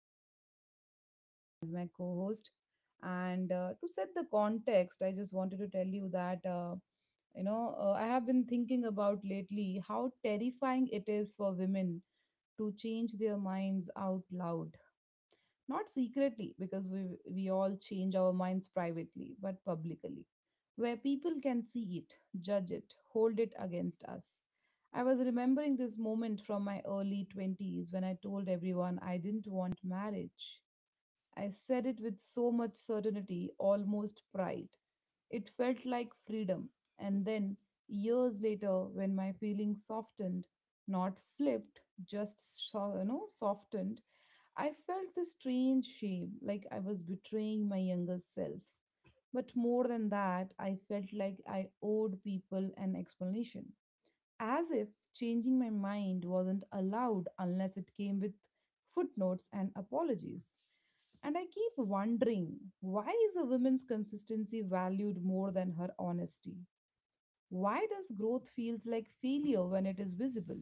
me, I have Hasina as my co host. And to set the context, I just wanted to tell you that, I have been thinking about lately how terrifying it is for women to change their minds out loud, not secretly, because we all change our minds privately but publicly, where people can see it, judge it, hold it against us. I was remembering this moment from my early 20s when I told everyone I didn't want marriage. I said it with so much certainty, almost pride. It felt like freedom. And then, years later, when my feelings softened, not flipped, just softened, I felt this strange shame, like I was betraying my younger self. But more than that, I felt like I owed people an explanation, as if changing my mind wasn't allowed unless it came with footnotes and apologies. And I keep wondering, why is a woman's consistency valued more than her honesty? Why does growth feels like failure when it is visible?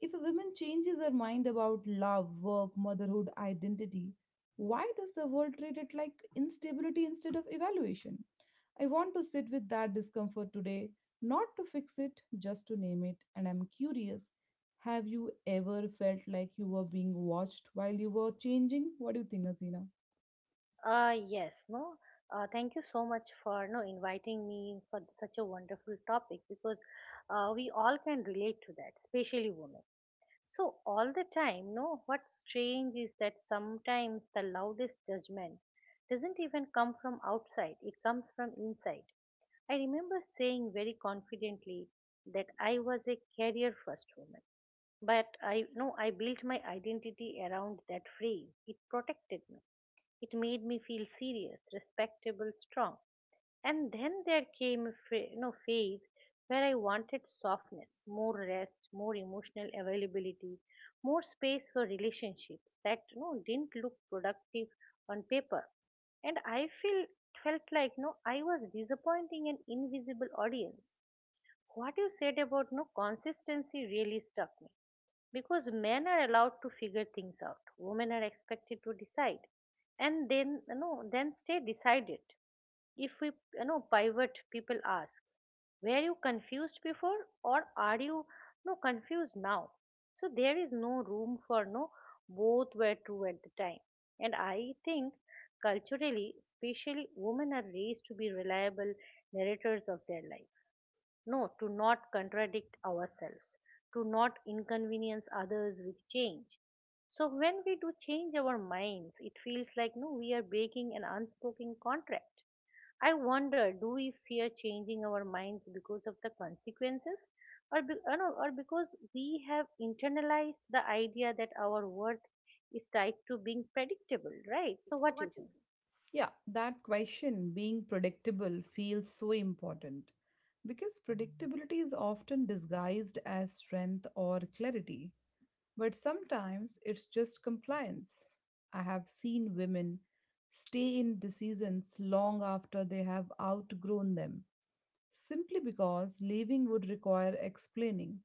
If a woman changes her mind about love, work, motherhood, identity, why does the world treat it like instability instead of evaluation? I want to sit with that discomfort today, not to fix it, just to name it. And I'm curious, have you ever felt like you were being watched while you were changing? What do you think, Azina? Yes, no. Thank you so much for no inviting me for such a wonderful topic, because we all can relate to that, especially women. So all the time, no, what's strange is that sometimes the loudest judgment doesn't even come from outside; it comes from inside. I remember saying very confidently that I was a career first woman, but I no, I built my identity around that phrase. It protected me. It made me feel serious, respectable, strong. And then there came a phase where I wanted softness, more rest, more emotional availability, more space for relationships that didn't look productive on paper. And I feel felt like no, I was disappointing an invisible audience. What you said about no consistency really struck me, because men are allowed to figure things out. Women are expected to decide and then then stay decided. If we pivot, people ask, were you confused before, or are you no confused now? So there is no room for no both were true at the time. And I think, culturally, especially, women are raised to be reliable narrators of their life, no, to not contradict ourselves, to not inconvenience others with change. So when we do change our minds, it feels like no, we are breaking an unspoken contract. I wonder, do we fear changing our minds because of the consequences, or be, or, no, or because we have internalized the idea that our worth is tied to being predictable, right? So what do you think? Yeah, that question, being predictable, feels so important because predictability is often disguised as strength or clarity, but sometimes it's just compliance. I have seen women stay in decisions long after they have outgrown them simply because leaving would require explaining,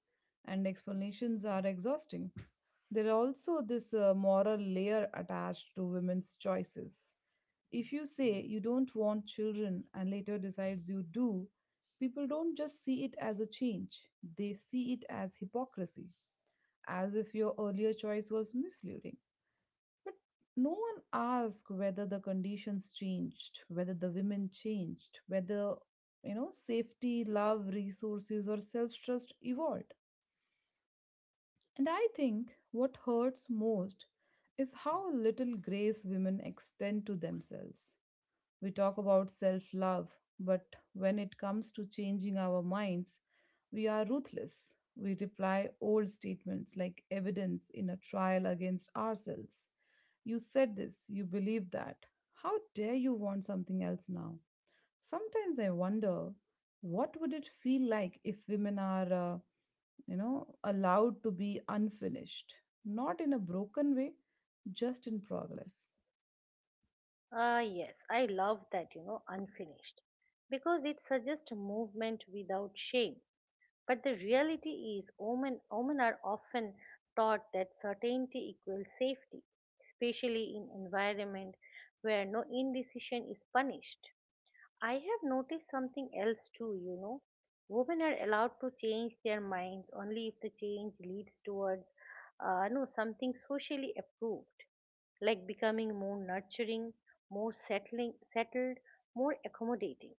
and explanations are exhausting. There are also this moral layer attached to women's choices. If you say you don't want children and later decides you do, people don't just see it as a change, they see it as hypocrisy, as if your earlier choice was misleading. But no one asks whether the conditions changed, whether the women changed, whether safety, love, resources, or self trust evolved. And I think what hurts most is how little grace women extend to themselves. We talk about self love, but when it comes to changing our minds, we are ruthless. We reply old statements like evidence in a trial against ourselves. You said this, you believe that. How dare you want something else now? Sometimes I wonder, what would it feel like if women are allowed to be unfinished, not in a broken way, just in progress. Ah, yes, I love that, unfinished. Because it suggests movement without shame. But the reality is, women are often taught that certainty equals safety, especially in environment where no indecision is punished. I have noticed something else too. Women are allowed to change their minds only if the change leads towards no, something socially approved, like becoming more nurturing, more settled, more accommodating.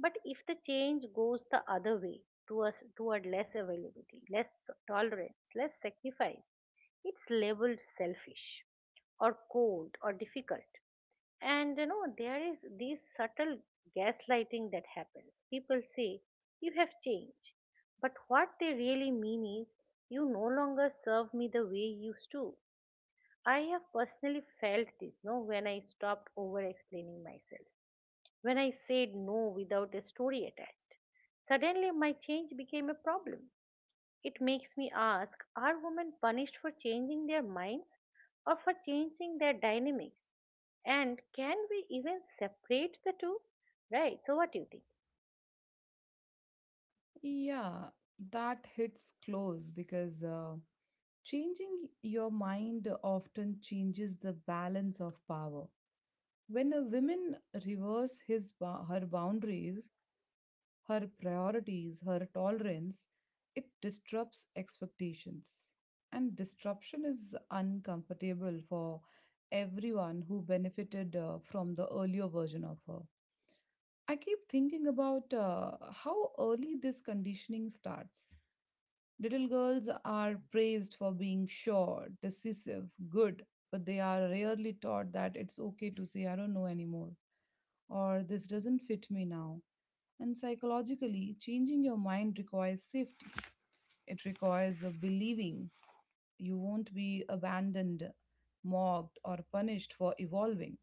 But if the change goes the other way, toward less availability, less tolerance, less sacrifice, it's labeled selfish, or cold, or difficult. And there is this subtle gaslighting that happens. People say, "You have changed." But what they really mean is, "You no longer serve me the way you used to." I have personally felt this no when I stopped over explaining myself. When I said no without a story attached. Suddenly my change became a problem. It makes me ask, are women punished for changing their minds, or for changing their dynamics? And can we even separate the two? Right, so what do you think? Yeah, that hits close because changing your mind often changes the balance of power. When a woman reverses her boundaries, her priorities, her tolerance, it disrupts expectations. And disruption is uncomfortable for everyone who benefited from the earlier version of her. I keep thinking about how early this conditioning starts. Little girls are praised for being sure, decisive, good, but they are rarely taught that it's okay to say, I don't know anymore, or this doesn't fit me now. And psychologically, changing your mind requires safety. It requires a believing you won't be abandoned, mocked, or punished for evolving.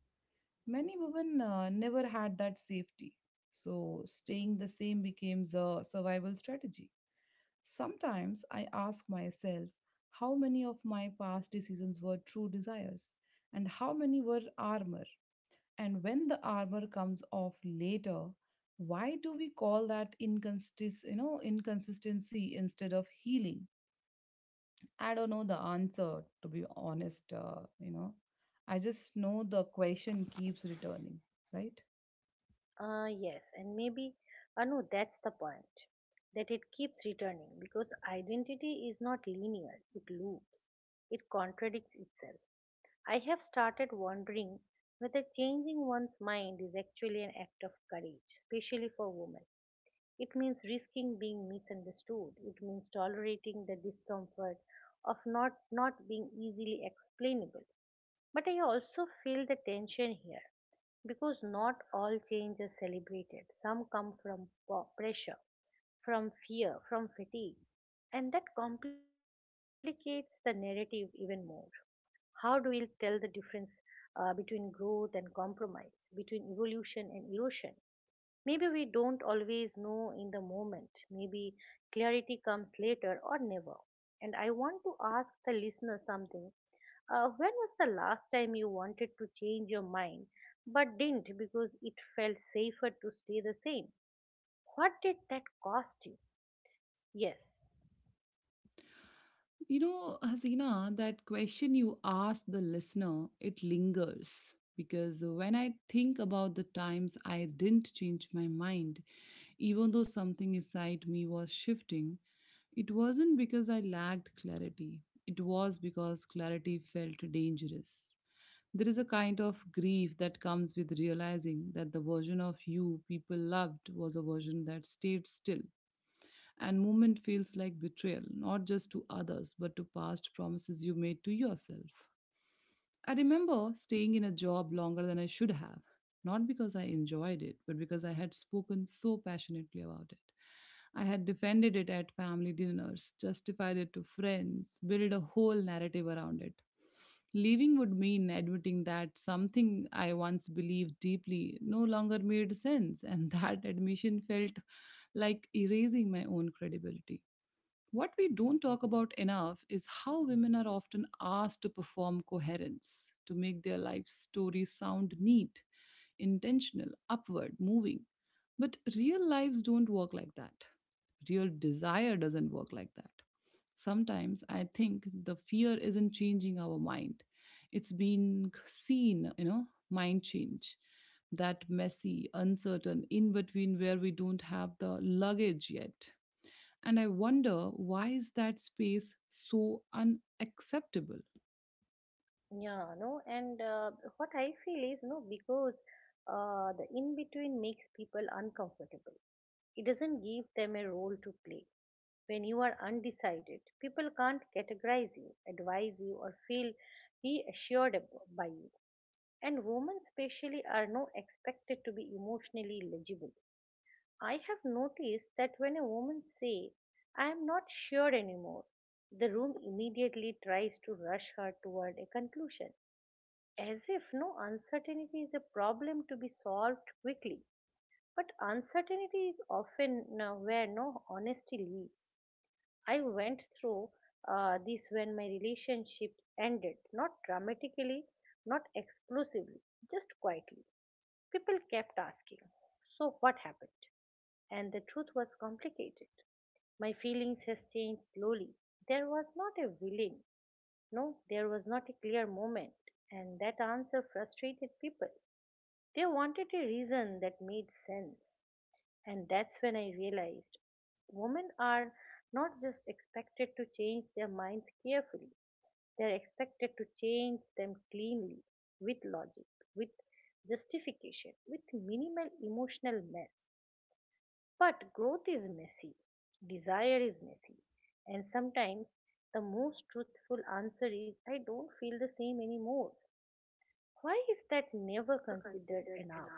Many women never had that safety, so staying the same becomes a survival strategy. Sometimes I ask myself how many of my past decisions were true desires and how many were armor. And when the armor comes off later, why do we call that inconsistency instead of healing? I don't know the answer, to be honest. I just know the question keeps returning, right? Yes, and maybe, no, that's the point. That it keeps returning, because identity is not linear, it loops, it contradicts itself. I have started wondering whether changing one's mind is actually an act of courage, especially for women. It means risking being misunderstood, it means tolerating the discomfort of not being easily explainable. But I also feel the tension here, because not all change is celebrated. Some come from pressure, from fear, from fatigue, and that complicates the narrative even more. How do we tell the difference between growth and compromise, between evolution and erosion? Maybe we don't always know in the moment. Maybe clarity comes later, or never. And I want to ask the listener something. When was the last time you wanted to change your mind but didn't, because it felt safer to stay the same? What did that cost you? Yes. You know, Hasina, that question you asked the listener, it lingers. Because when I think about the times I didn't change my mind, even though something inside me was shifting, it wasn't because I lacked clarity. It was because clarity felt dangerous. There is a kind of grief that comes with realizing that the version of you people loved was a version that stayed still, and movement feels like betrayal, not just to others, but to past promises you made to yourself. I remember staying in a job longer than I should have, not because I enjoyed it, but because I had spoken so passionately about it. I had defended it at family dinners, justified it to friends, built a whole narrative around it. Leaving would mean admitting that something I once believed deeply no longer made sense, and that admission felt like erasing my own credibility. What we don't talk about enough is how women are often asked to perform coherence, to make their life stories sound neat, intentional, upward, moving. But real lives don't work like that. Real desire doesn't work like that. Sometimes I think the fear isn't changing our mind. It's being seen, you know, mind change. That messy, uncertain, in between, where we don't have the luggage yet, and I wonder, why is that space so unacceptable? Yeah, no, and what I feel is, no, because the in between makes people uncomfortable. It doesn't give them a role to play. When you are undecided, people can't categorize you, advise you, or feel reassured by you. And women, especially, are not expected to be emotionally legible. I have noticed that when a woman say, "I am not sure anymore," the room immediately tries to rush her toward a conclusion, as if no uncertainty is a problem to be solved quickly. But uncertainty is often where no honesty lives. I went through this when my relationships ended, not dramatically, not explosively, just quietly. People kept asking, "So what happened?" And the truth was complicated. My feelings has changed slowly. There was not a willing, no, there was not a clear moment, and that answer frustrated people. They wanted a reason that made sense. And that's when I realized women are not just expected to change their minds carefully, they're expected to change them cleanly, with logic, with justification, with minimal emotional mess. But growth is messy, desire is messy, and sometimes the most truthful answer is, "I don't feel the same anymore." Why is that never considered enough?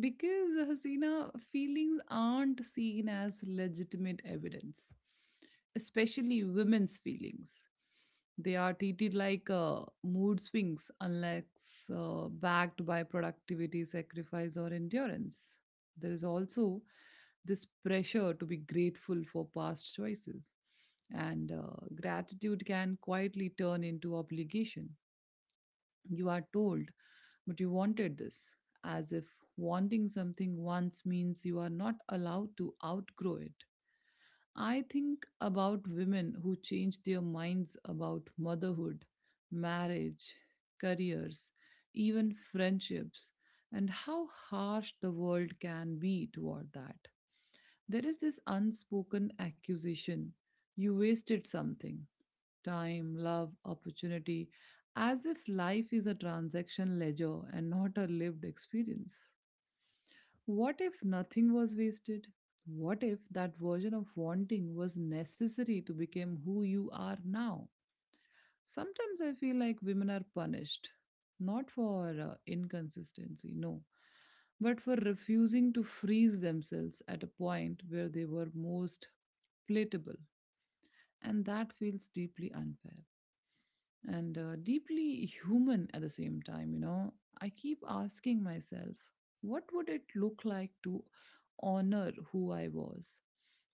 Because Hasina, feelings aren't seen as legitimate evidence, especially women's feelings. They are treated like mood swings unless backed by productivity, sacrifice, or endurance. There is also this pressure to be grateful for past choices, and gratitude can quietly turn into obligation. You are told, but you wanted this, as if wanting something once means you are not allowed to outgrow it. I think about women who change their minds about motherhood, marriage, careers, even friendships, and how harsh the world can be toward that. There is this unspoken accusation, you wasted something, time, love, opportunity, as if life is a transaction ledger and not a lived experience. What if nothing was wasted? What if that version of wanting was necessary to become who you are now? Sometimes I feel like women are punished, not for inconsistency, no, but for refusing to freeze themselves at a point where they were most palatable. And that feels deeply unfair. And deeply human at the same time. I keep asking myself, what would it look like to honor who I was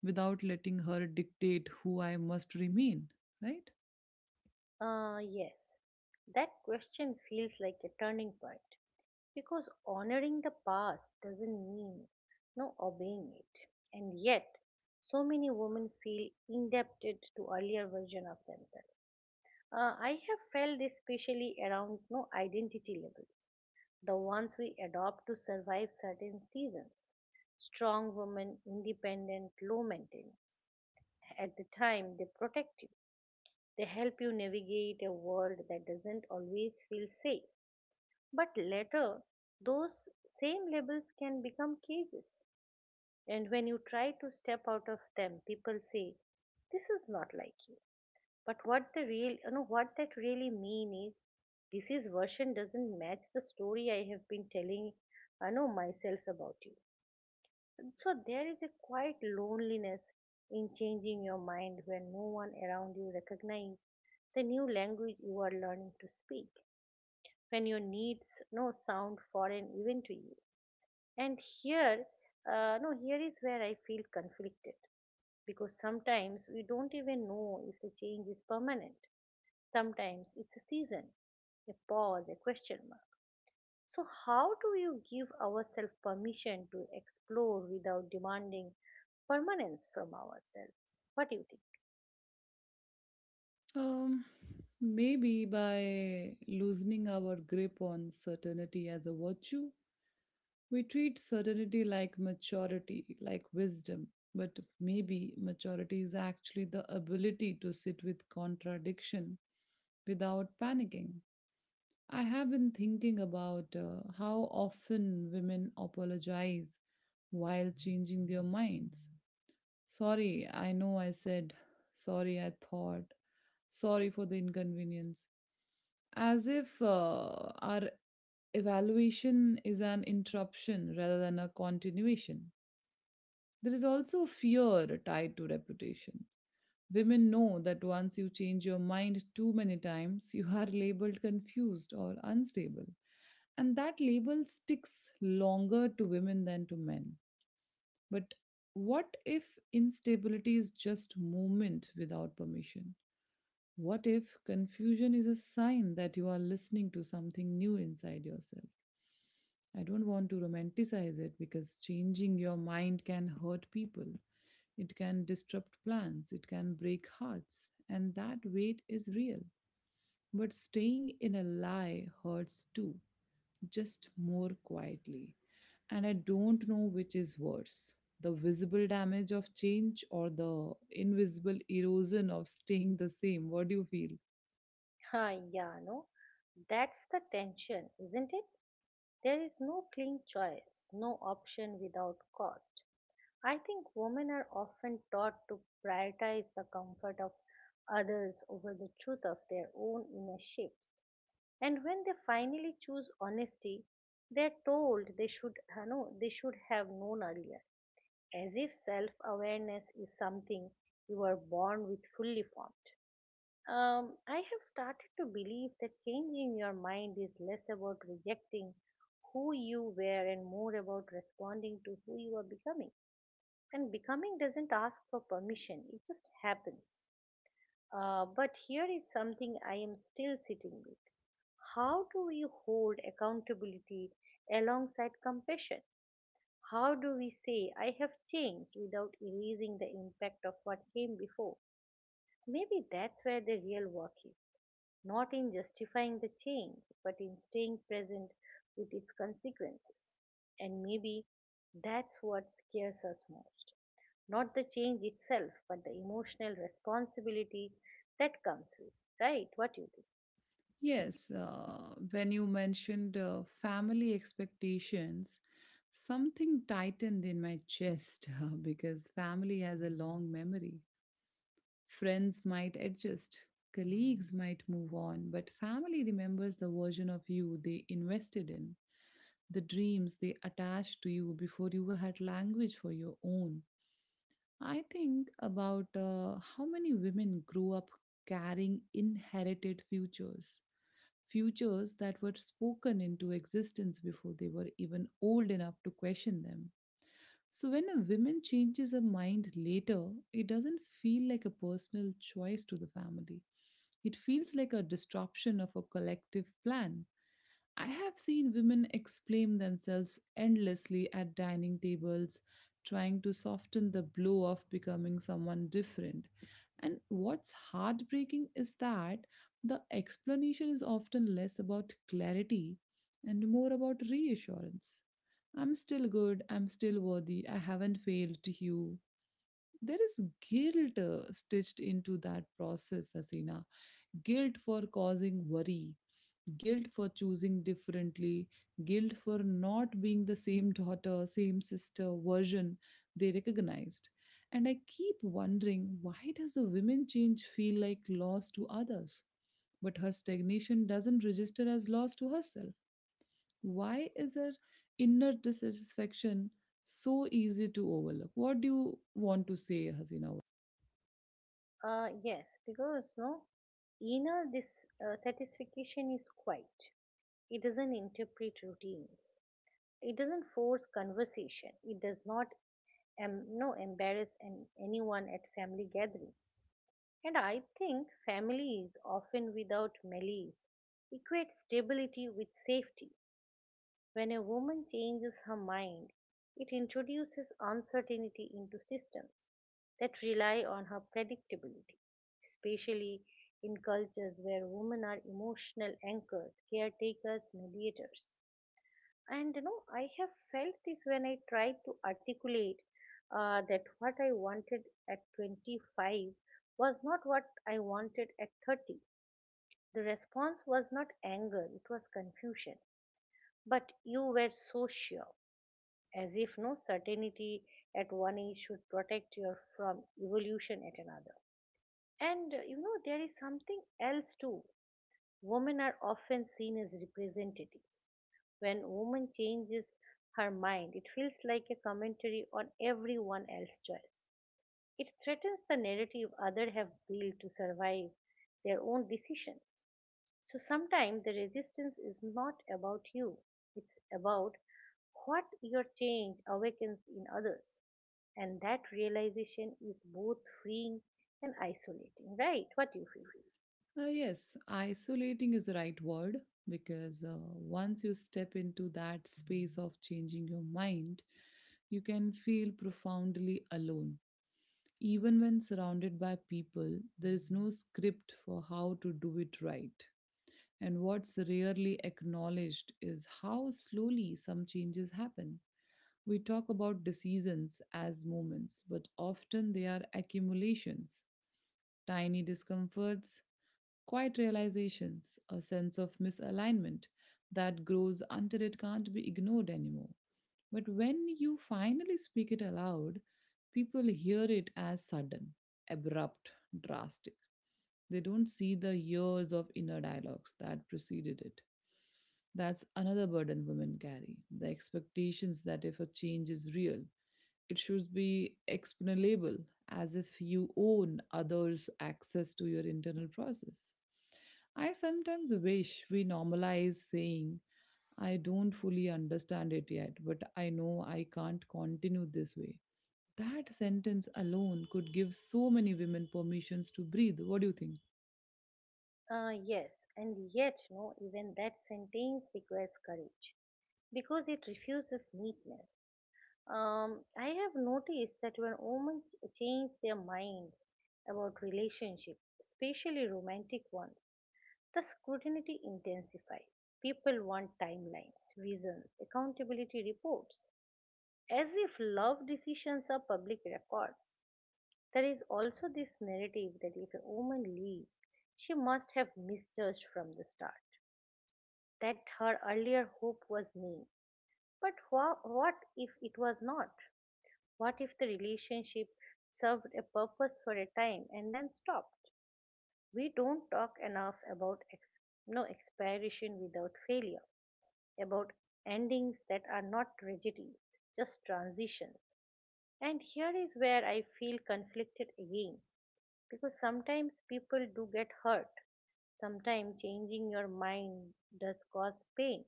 without letting her dictate who I must remain, right? Yes, that question feels like a turning point, because honoring the past doesn't mean no obeying it. And yet, so many women feel indebted to earlier version of themselves. I have felt this, especially around no identity labels, the ones we adopt to survive certain seasons. Strong woman, independent, low maintenance. At the time, they protect you. They help you navigate a world that doesn't always feel safe. But later, those same labels can become cages. And when you try to step out of them, people say, "This is not like you." But what the real you know what that really mean is, this is version doesn't match the story I have been telling. I know myself about you. So there is a quiet loneliness in changing your mind, when no one around you recognize the new language you are learning to speak, when your needs no sound foreign even to you. And here no here is where I feel conflicted, because sometimes we don't even know if the change is permanent. Sometimes it's a season, a pause, a question mark. So how do you give ourselves permission to explore without demanding permanence from ourselves? What do you think? um Maybe by loosening our grip on certainty as a virtue. We treat certainty like maturity, like wisdom, but maybe maturity is actually the ability to sit with contradiction without panicking. I have been thinking about how often women apologize while changing their minds. Sorry, I know I said, sorry, I thought, sorry for the inconvenience, as if our evaluation is an interruption rather than a continuation. There is also fear tied to reputation. Women know that once you change your mind too many times, you are labeled confused or unstable. And that label sticks longer to women than to men. But what if instability is just movement without permission? What if confusion is a sign that you are listening to something new inside yourself? I don't want to romanticize it because changing your mind can hurt people. It can disrupt plans, it can break hearts, and that weight is real. But staying in a lie hurts too, just more quietly. And I don't know which is worse, the visible damage of change or the invisible erosion of staying the same. What do you feel? Ah, yeah, no, that's the tension, isn't it? There is no clean choice, no option without cost. I think women are often taught to prioritize the comfort of others over the truth of their own inner shapes. And when they finally choose honesty, they are told they should no, they should have known earlier, as if self-awareness is something you are born with fully formed. I have started to believe that changing your mind is less about rejecting who you were and more about responding to who you are becoming. And becoming doesn't ask for permission, it just happens. But here is something I am still sitting with. How do we hold accountability alongside compassion? How do we say, "I have changed," without erasing the impact of what came before? Maybe that's where the real work is, not in justifying the change, but in staying present with its consequences. And maybe that's what scares us most, not the change itself, but the emotional responsibility that comes with, right? What do you think? Yes, when you mentioned family expectations, something tightened in my chest because family has a long memory. Friends might adjust, colleagues might move on, but family remembers the version of you they invested in, the dreams they attached to you before you had language for your own. I think about how many women grow up carrying inherited futures that were spoken into existence before they were even old enough to question them. So, when a woman changes her mind later, it doesn't feel like a personal choice to the family. It feels like a disruption of a collective plan. I have seen women explain themselves endlessly at dining tables, trying to soften the blow of becoming someone different. And what's heartbreaking is that the explanation is often less about clarity and more about reassurance. I'm still good, I'm still worthy, I haven't failed you. There is guilt stitched into that process, Asina. Guilt for causing worry, guilt for choosing differently, guilt for not being the same daughter, same sister version they recognized. And I keep wondering, why does a women change feel like loss to others, but her stagnation doesn't register as loss to herself? Why is her inner dissatisfaction so easy to overlook? What do you want to say, Hasina? Yes, because no inner this satisfaction is quiet. It doesn't interpret routines. It doesn't force conversation. It does not em- no embarrass anyone at family gatherings. And I think families, often without malice, equate stability with safety. When a woman changes her mind, it introduces uncertainty into systems that rely on her predictability, especially in cultures where women are emotional anchors, caretakers, mediators. And I have felt this when I tried to articulate that what I wanted at 25 was not what I wanted at 30. The response was not anger, it was confusion. But you were so sure, as if no certainty at one age should protect you from evolution at another. And there is something else too. Women are often seen as representatives. When a woman changes her mind, it feels like a commentary on everyone else's choice. It threatens the narrative others have built to survive their own decisions. So sometimes the resistance is not about you, it's about what your change awakens in others. And that realization is both freeing and isolating, right? What do you feel? Yes, isolating is the right word because once you step into that space of changing your mind, you can feel profoundly alone. Even when surrounded by people, there is no script for how to do it right. And what's rarely acknowledged is how slowly some changes happen. We talk about decisions as moments, but often they are accumulations tiny discomforts, quiet realizations, a sense of misalignment that grows until it can't be ignored anymore. But when you finally speak it aloud, people hear it as sudden, abrupt, drastic. They don't see the years of inner dialogues that preceded it. That's another burden women carry the expectations that if a change is real, it should be explainable as if you own others' access to your internal process. I sometimes wish we normalize saying, I don't fully understand it yet, but I know I can't continue this way. That sentence alone could give so many women permissions to breathe. What do you think? Yes, and yet, no, even that sentence requires courage, because it refuses neatness. I have noticed that when women change their minds about relationships, especially romantic ones, the scrutiny intensifies. People want timelines, reasons, accountability reports, as if love decisions are public records. There is also this narrative that if a woman leaves, she must have misjudged from the start, that her earlier hope was me. But what if it was not? What if the relationship served a purpose for a time and then stopped? We don't talk enough about expiration without failure, about endings that are not tragedies, just transitions. And here is where I feel conflicted again, because sometimes people do get hurt. Sometimes changing your mind does cause pain.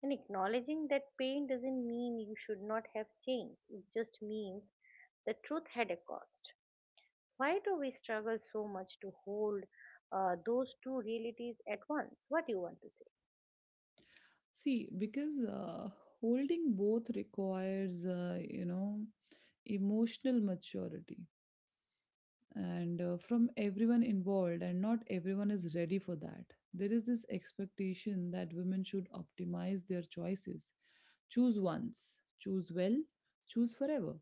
And acknowledging that pain doesn't mean you should not have changed, it just means the truth had a cost. Why do we struggle so much to hold those two realities at once? What do you want to say? See, because holding both requires, emotional maturity and from everyone involved, and not everyone is ready for that. There is this expectation that women should optimize their choices choose once, choose well, choose forever.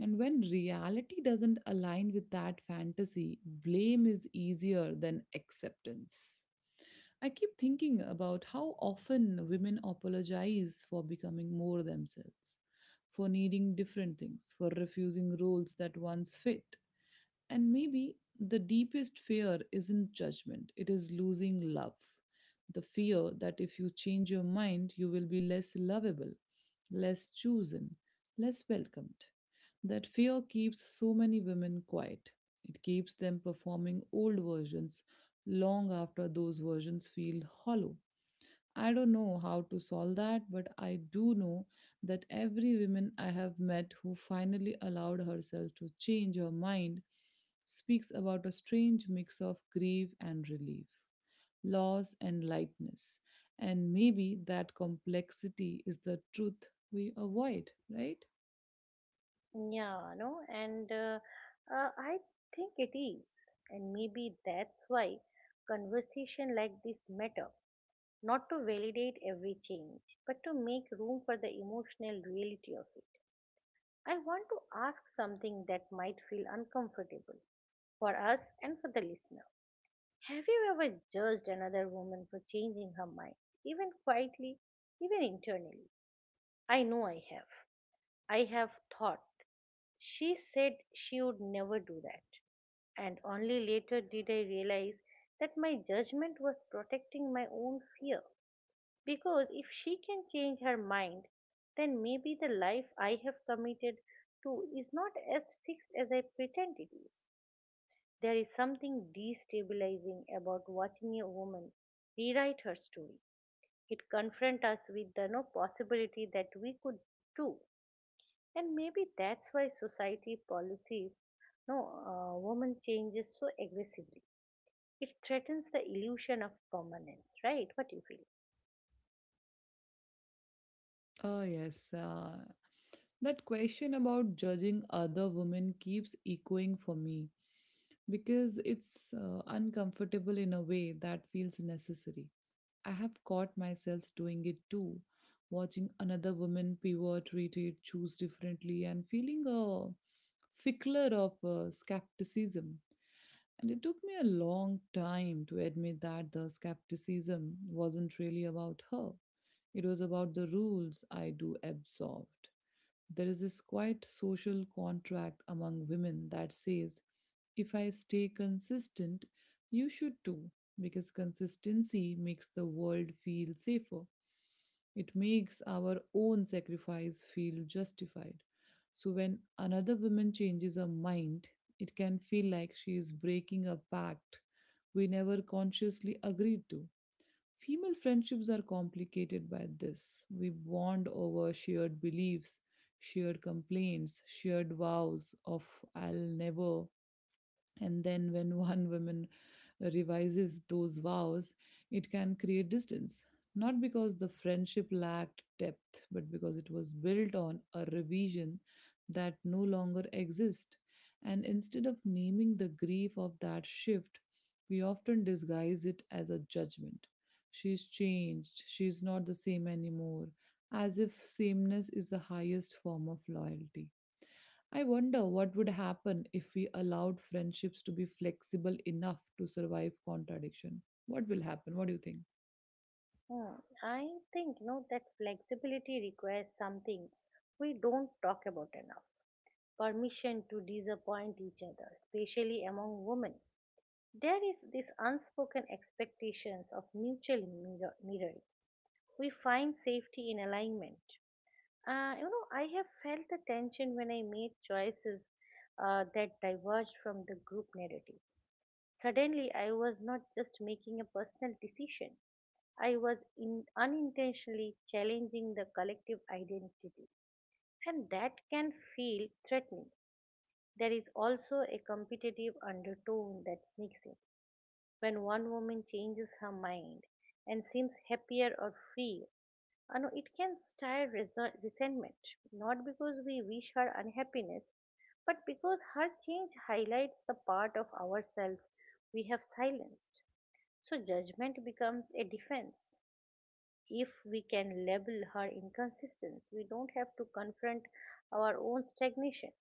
And when reality doesn't align with that fantasy, blame is easier than acceptance. I keep thinking about how often women apologize for becoming more themselves, for needing different things, for refusing roles that once fit. And maybe the deepest fear isn't judgment, it is losing love. The fear that if you change your mind, you will be less lovable, less chosen, less welcomed. That fear keeps so many women quiet. It keeps them performing old versions long after those versions feel hollow. I don't know how to solve that, but I do know that every woman I have met who finally allowed herself to change her mind speaks about a strange mix of grief and relief, loss and lightness. And maybe that complexity is the truth we avoid, right? Yeah, no, and I think it is, and maybe that's why conversation like this matter. Not to validate every change, but to make room for the emotional reality of it. I want to ask something that might feel uncomfortable for us and for the listener. Have you ever judged another woman for changing her mind, even quietly, even internally? I know I have. I have thought she said she would never do that, and only later did I realize that my judgment was protecting my own fear. Because if she can change her mind, then maybe the life I have committed to is not as fixed as I pretend it is. There is something destabilizing about watching a woman rewrite her story. It confronts us with the no possibility that we could do, and maybe that's why society policies no woman changes so aggressively. It threatens the illusion of permanence, right? What you feel? Oh, yes. That question about judging other women keeps echoing for me because it's uncomfortable in a way that feels necessary. I have caught myself doing it too, watching another woman pivot, retreat, choose differently, and feeling a fickler of skepticism. And it took me a long time to admit that the skepticism wasn't really about her, it was about the rules I do absorbed. There is this quiet social contract among women that says, if I stay consistent, you should too, because consistency makes the world feel safer. It makes our own sacrifice feel justified. So when another woman changes her mind, it can feel like she is breaking a pact we never consciously agreed to. Female friendships are complicated by this. We bond over shared beliefs, shared complaints, shared vows of I'll never, and then, when one woman revises those vows, it can create distance. Not because the friendship lacked depth, but because it was built on a revision that no longer exists. And instead of naming the grief of that shift, we often disguise it as a judgment. She's changed, she's not the same anymore, as if sameness is the highest form of loyalty. I wonder what would happen if we allowed friendships to be flexible enough to survive contradiction. What will happen? What do you think? Hmm. I think no that flexibility requires something we don't talk about enough, permission to disappoint each other, especially among women. There is this unspoken expectations of mutual mirroring. We find safety in alignment. I have felt the tension when I made choices that diverged from the group narrative. Suddenly, I was not just making a personal decision. I was in unintentionally challenging the collective identity, and that can feel threatening. There is also a competitive undertone that sneaks in when one woman changes her mind and seems happier or free, no, it can stir resentment, not because we wish her unhappiness, but because her change highlights the part of ourselves we have silenced. So judgment becomes a defense. If we can label her inconsistence, we don't have to confront our own stagnation.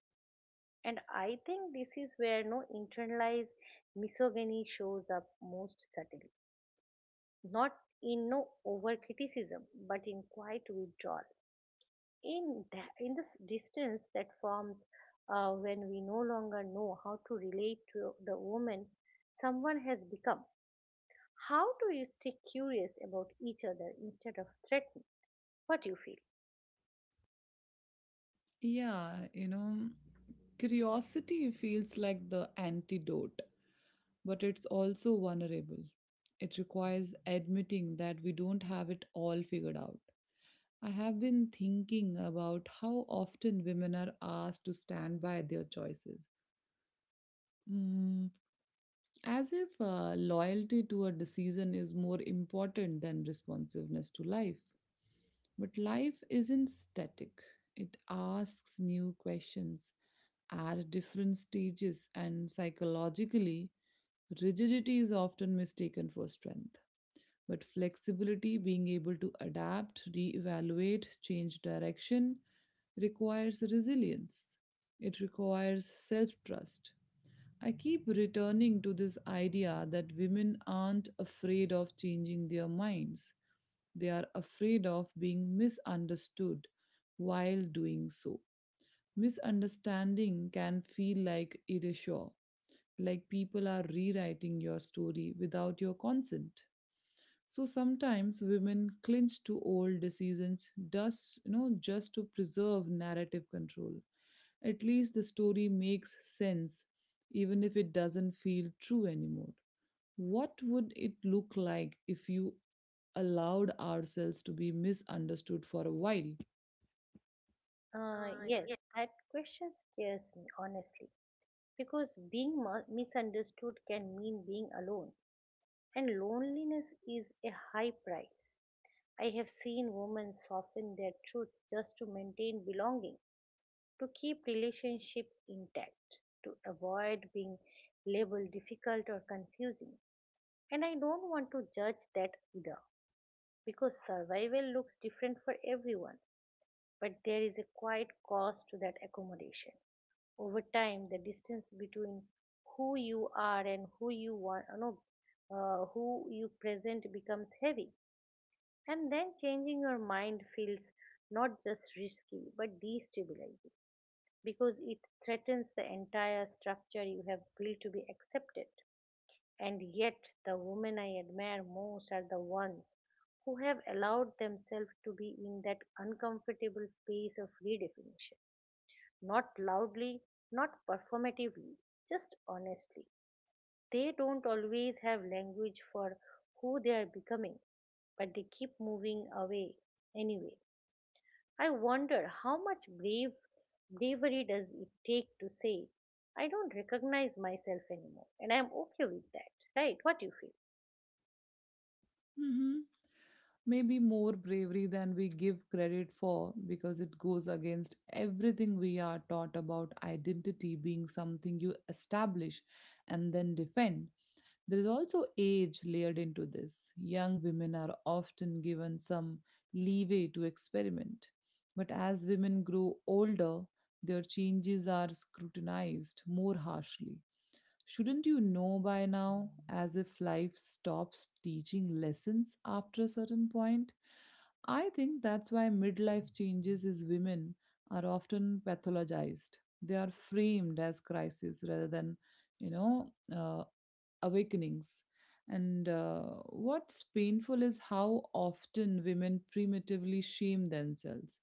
And I think this is where no internalized misogyny shows up most subtly, not in no over criticism, but in quiet withdrawal, in that in this distance that forms when we no longer know how to relate to the woman someone has become. How do you stay curious about each other instead of threatened? What you feel? Yeah, you know, curiosity feels like the antidote, but it's also vulnerable. It requires admitting that we don't have it all figured out. I have been thinking about how often women are asked to stand by their choices. Mm, As if loyalty to a decision is more important than responsiveness to life. But life isn't static, it asks new questions at different stages, and psychologically, rigidity is often mistaken for strength. But flexibility, being able to adapt, reevaluate, change direction, requires resilience. It requires self trust. I keep returning to this idea that women aren't afraid of changing their minds. They are afraid of being misunderstood while doing so. Misunderstanding can feel like erasure, like people are rewriting your story without your consent. So sometimes women clinch to old decisions just to preserve narrative control. At least the story makes sense, even if it doesn't feel true anymore. What would it look like if you allowed ourselves to be misunderstood for a while? Yes, that question scares me, honestly, because being misunderstood can mean being alone, and loneliness is a high price. I have seen women soften their truth just to maintain belonging, to keep relationships intact, to avoid being labeled difficult or confusing. And I don't want to judge that either, because survival looks different for everyone, but there is a quiet cost to that accommodation. Over time, the distance between who you are and who you want, no, who you present becomes heavy, and then changing your mind feels not just risky but destabilizing because it threatens the entire structure you have built to be accepted. And yet, the women I admire most are the ones who have allowed themselves to be in that uncomfortable space of redefinition. Not loudly, not performatively, just honestly. They don't always have language for who they are becoming, but they keep moving away anyway. I wonder how much bravery does it take to say, I don't recognize myself anymore, and I'm okay with that, right? What do you feel? hmm Maybe more bravery than we give credit for because it goes against everything we are taught about identity being something you establish and then defend. There is also age layered into this. Young women are often given some leeway to experiment, but as women grow older, their changes are scrutinized more harshly. Shouldn't you know by now, as if life stops teaching lessons after a certain point? I think that's why midlife changes is women are often pathologized. They are framed as crises rather than, you know, uh, awakenings. And what's painful is how often women primitively shame themselves.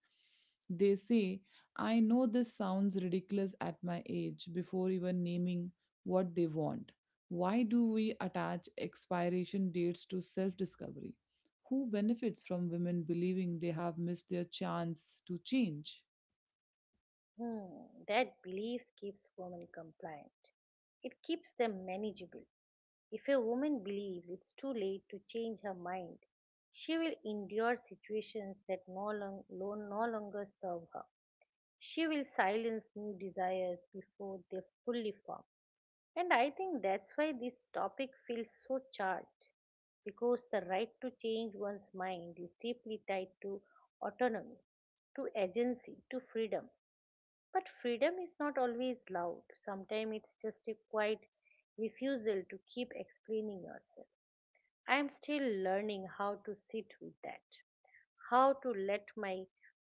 They say, I know this sounds ridiculous at my age, before even naming what they want. Why do we attach expiration dates to self discovery? Who benefits from women believing they have missed their chance to change? Hmm, that belief keeps women compliant. It keeps them manageable. If a woman believes it's too late to change her mind, she will endure situations that no longer serve her. She will silence new desires before they fully form. And I think that's why this topic feels so charged, because the right to change one's mind is deeply tied to autonomy, to agency, to freedom. But freedom is not always loud, sometimes it's just a quiet refusal to keep explaining yourself. I'm still learning how to sit with that, how to let my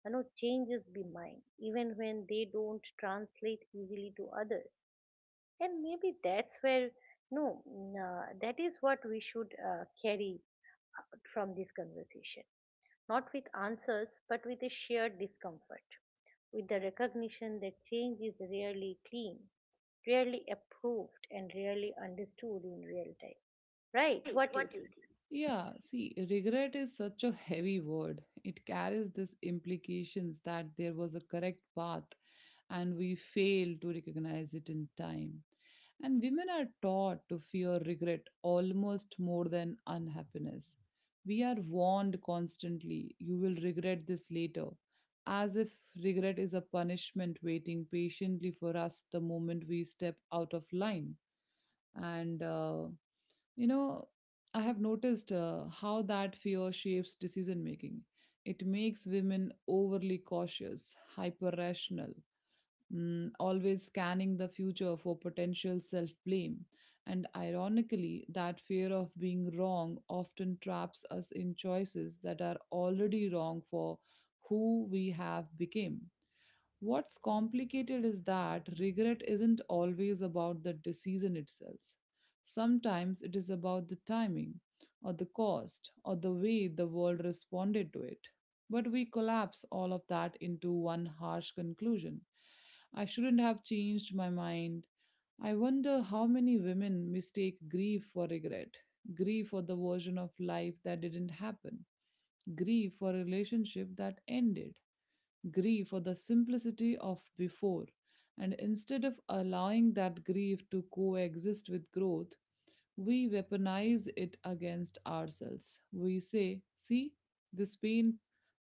changes be mine, even when they don't translate easily to others. And maybe that's where no that is what we should carry out from this conversation, not with answers but with a shared discomfort, with the recognition that change is rarely clean, rarely approved, and rarely understood in real time, right? What do you think? Yeah, see, regret is such a heavy word. It carries this implications that there was a correct path and we fail to recognize it in time. And women are taught to fear regret almost more than unhappiness. We are warned constantly, you will regret this later, as if regret is a punishment waiting patiently for us the moment we step out of line. And, uh, you know, I have noticed how that fear shapes decision making. It makes women overly cautious, hyper rational, always scanning the future for potential self blame. And ironically, that fear of being wrong often traps us in choices that are already wrong for who we have become. What's complicated is that regret isn't always about the decision itself. Sometimes it is about the timing, or the cost, or the way the world responded to it. But we collapse all of that into one harsh conclusion. I shouldn't have changed my mind. I wonder how many women mistake grief for regret, grief for the version of life that didn't happen, grief for a relationship that ended, grief for the simplicity of before. And instead of allowing that grief to coexist with growth, we weaponize it against ourselves. We say, see, this pain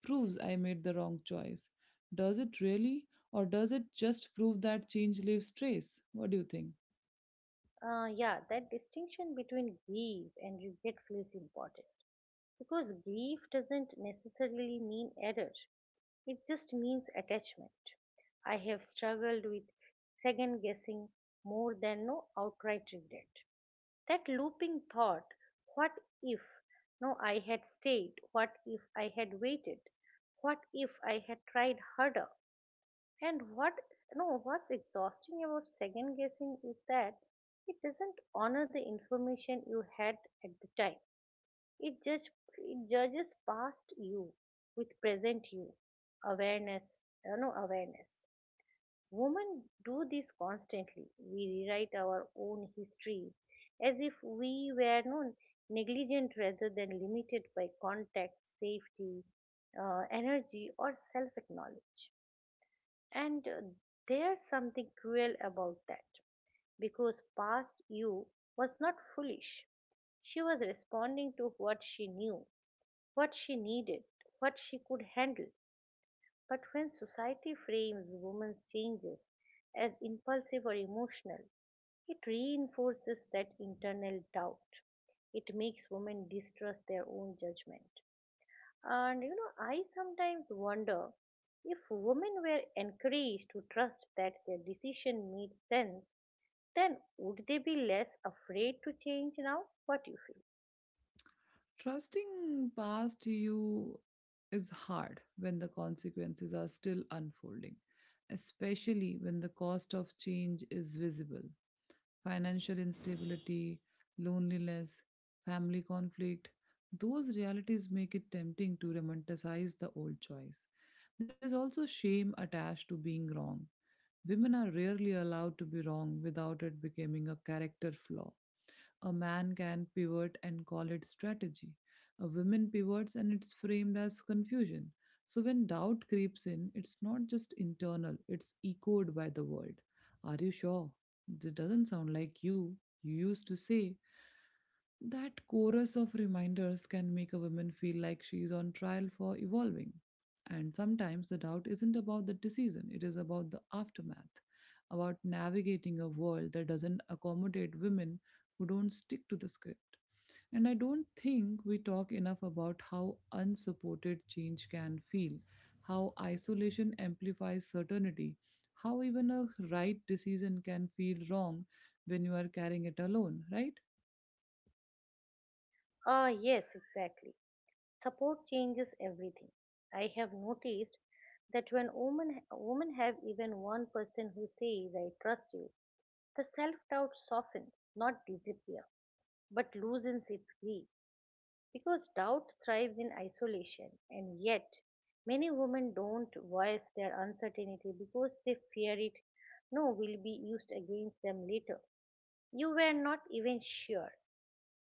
proves I made the wrong choice. Does it really? Or does it just prove that change leaves trace? What do you think? Yeah, that distinction between grief and regret feels important because grief doesn't necessarily mean error. It just means attachment. I have struggled with second guessing more than no outright regret. That looping thought, what if no I had stayed? What if I had waited? What if I had tried harder? And what no what's exhausting about second guessing is that it doesn't honor the information you had at the time. It, judge, it judges past you with present you. Awareness, awareness. Women do this constantly. We rewrite our own history as if we were known negligent rather than limited by context, safety, energy, or self acknowledge. And There's something cruel about that because past you was not foolish. She was responding to what she knew, what she needed, what she could handle. But when society frames women's changes as impulsive or emotional, it reinforces that internal doubt. It makes women distrust their own judgment. And I sometimes wonder if women were encouraged to trust that their decision made sense, then would they be less afraid to change now? What do you feel? Trusting past you is hard when the consequences are still unfolding, especially when the cost of change is visible. Financial instability, loneliness, family conflict, those realities make it tempting to romanticize the old choice. There is also shame attached to being wrong. Women are rarely allowed to be wrong without it becoming a character flaw. A man can pivot and call it strategy. A woman pivots and it's framed as confusion. So when doubt creeps in, it's not just internal, it's echoed by the world. Are you sure? This doesn't sound like you. You used to say that chorus of reminders can make a woman feel like she is on trial for evolving. And sometimes the doubt isn't about the decision, it is about the aftermath, about navigating a world that doesn't accommodate women who don't stick to the script. And I don't think we talk enough about how unsupported change can feel, how isolation amplifies certainty, how even a right decision can feel wrong when you are carrying it alone, right? Ah, yes, exactly. Support changes everything. I have noticed that when women have even one person who says, I trust you, the self doubt softens, not disappears, but loosens its grip. Because doubt thrives in isolation, and yet many women don't voice their uncertainty because they fear it no will be used against them later. You were not even sure,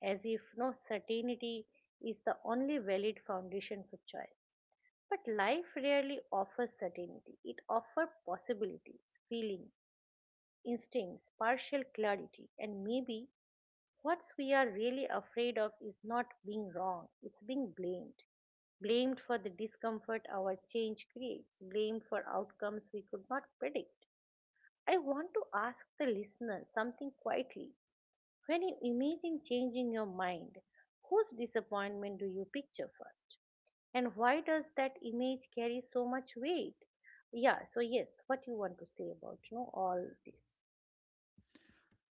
as if no certainty is the only valid foundation for choice. But life rarely offers certainty. It offers possibilities, feelings, instincts, partial clarity, and maybe what we are really afraid of is not being wrong, it's being blamed. Blamed for the discomfort our change creates, blamed for outcomes we could not predict. I want to ask the listener something quietly, when you imagine changing your mind, whose disappointment do you picture first? And why does that image carry so much weight? Yeah, so yes, what you want to say about all this?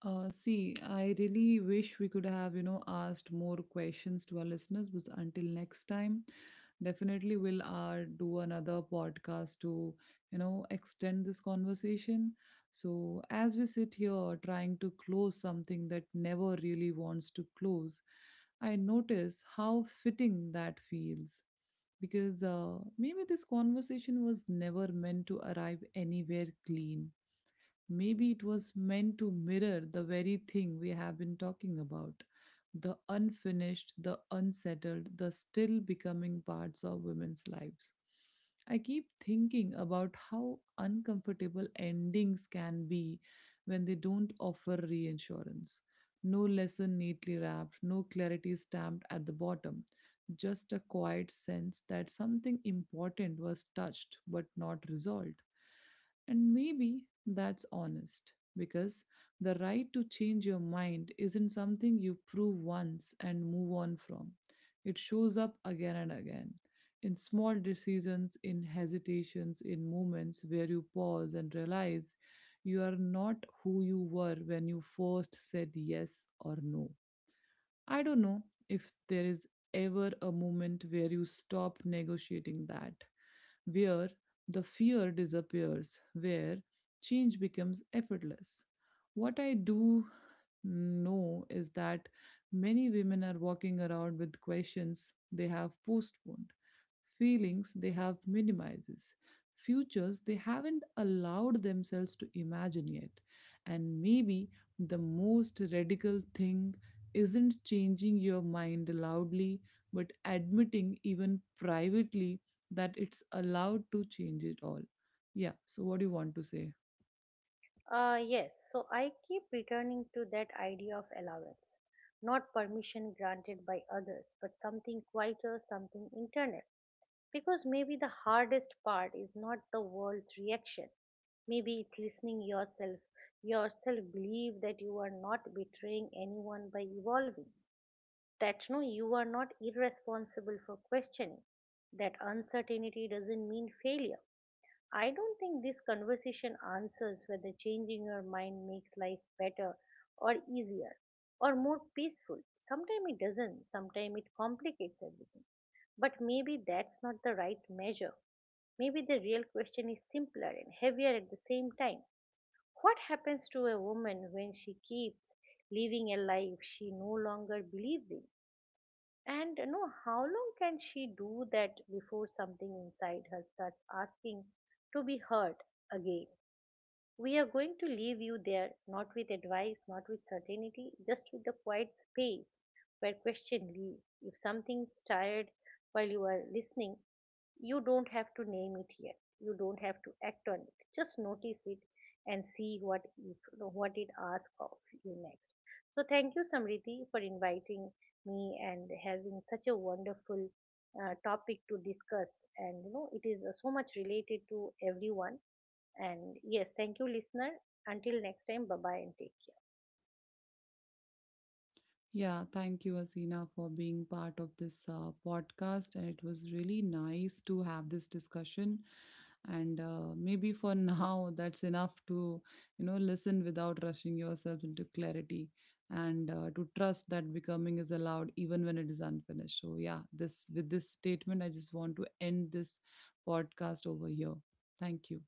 See, I really wish we could have, you know, asked more questions to our listeners, but until next time, definitely we'll do another podcast to, you know, extend this conversation. So, as we sit here trying to close something that never really wants to close, I notice how fitting that feels because maybe this conversation was never meant to arrive anywhere clean. Maybe it was meant to mirror the very thing we have been talking about the unfinished, the unsettled, the still becoming parts of women's lives. I keep thinking about how uncomfortable endings can be when they don't offer reinsurance. No lesson neatly wrapped, no clarity stamped at the bottom, just a quiet sense that something important was touched but not resolved. And maybe that's honest because the right to change your mind isn't something you prove once and move on from. It shows up again and again in small decisions, in hesitations, in moments where you pause and realize you are not who you were when you first said yes or no. I don't know if there is ever a moment where you stop negotiating that, where the fear disappears, where change becomes effortless. What I do know is that many women are walking around with questions they have postponed, feelings they have minimizes, futures they haven't allowed themselves to imagine yet. And maybe the most radical thing isn't changing your mind loudly, but admitting even privately that it's allowed to change it all. Yeah, so what do you want to say? Yes, so I keep returning to that idea of allowance, not permission granted by others, but something quieter, something internal. Because maybe the hardest part is not the world's reaction. Maybe it's listening yourself. Yourself believe that you are not betraying anyone by evolving. That no, you are not irresponsible for questioning. That uncertainty doesn't mean failure. I don't think this conversation answers whether changing your mind makes life better or easier or more peaceful. Sometimes it doesn't, sometimes it complicates everything. But maybe that's not the right measure. Maybe the real question is simpler and heavier at the same time. What happens to a woman when she keeps living a life she no longer believes in? And how long can she do that before something inside her starts asking to be heard again? We are going to leave you there, not with advice, not with certainty, just with the quiet space where if something's tired while you are listening, you don't have to name it yet, you don't have to act on it, just notice it and see what if what it asks of you next. So thank you, Samriti, for inviting me and having such a wonderful topic to discuss, and it is so much related to everyone. And yes, thank you, listener. Until next time, bye bye, and take care. Yeah, thank you, Asina, for being part of this podcast. And it was really nice to have this discussion. And maybe for now, that's enough to, you know, listen without rushing yourself into clarity and to trust that becoming is allowed even when it is unfinished. So, yeah, this with this statement, I just want to end this podcast over here. Thank you.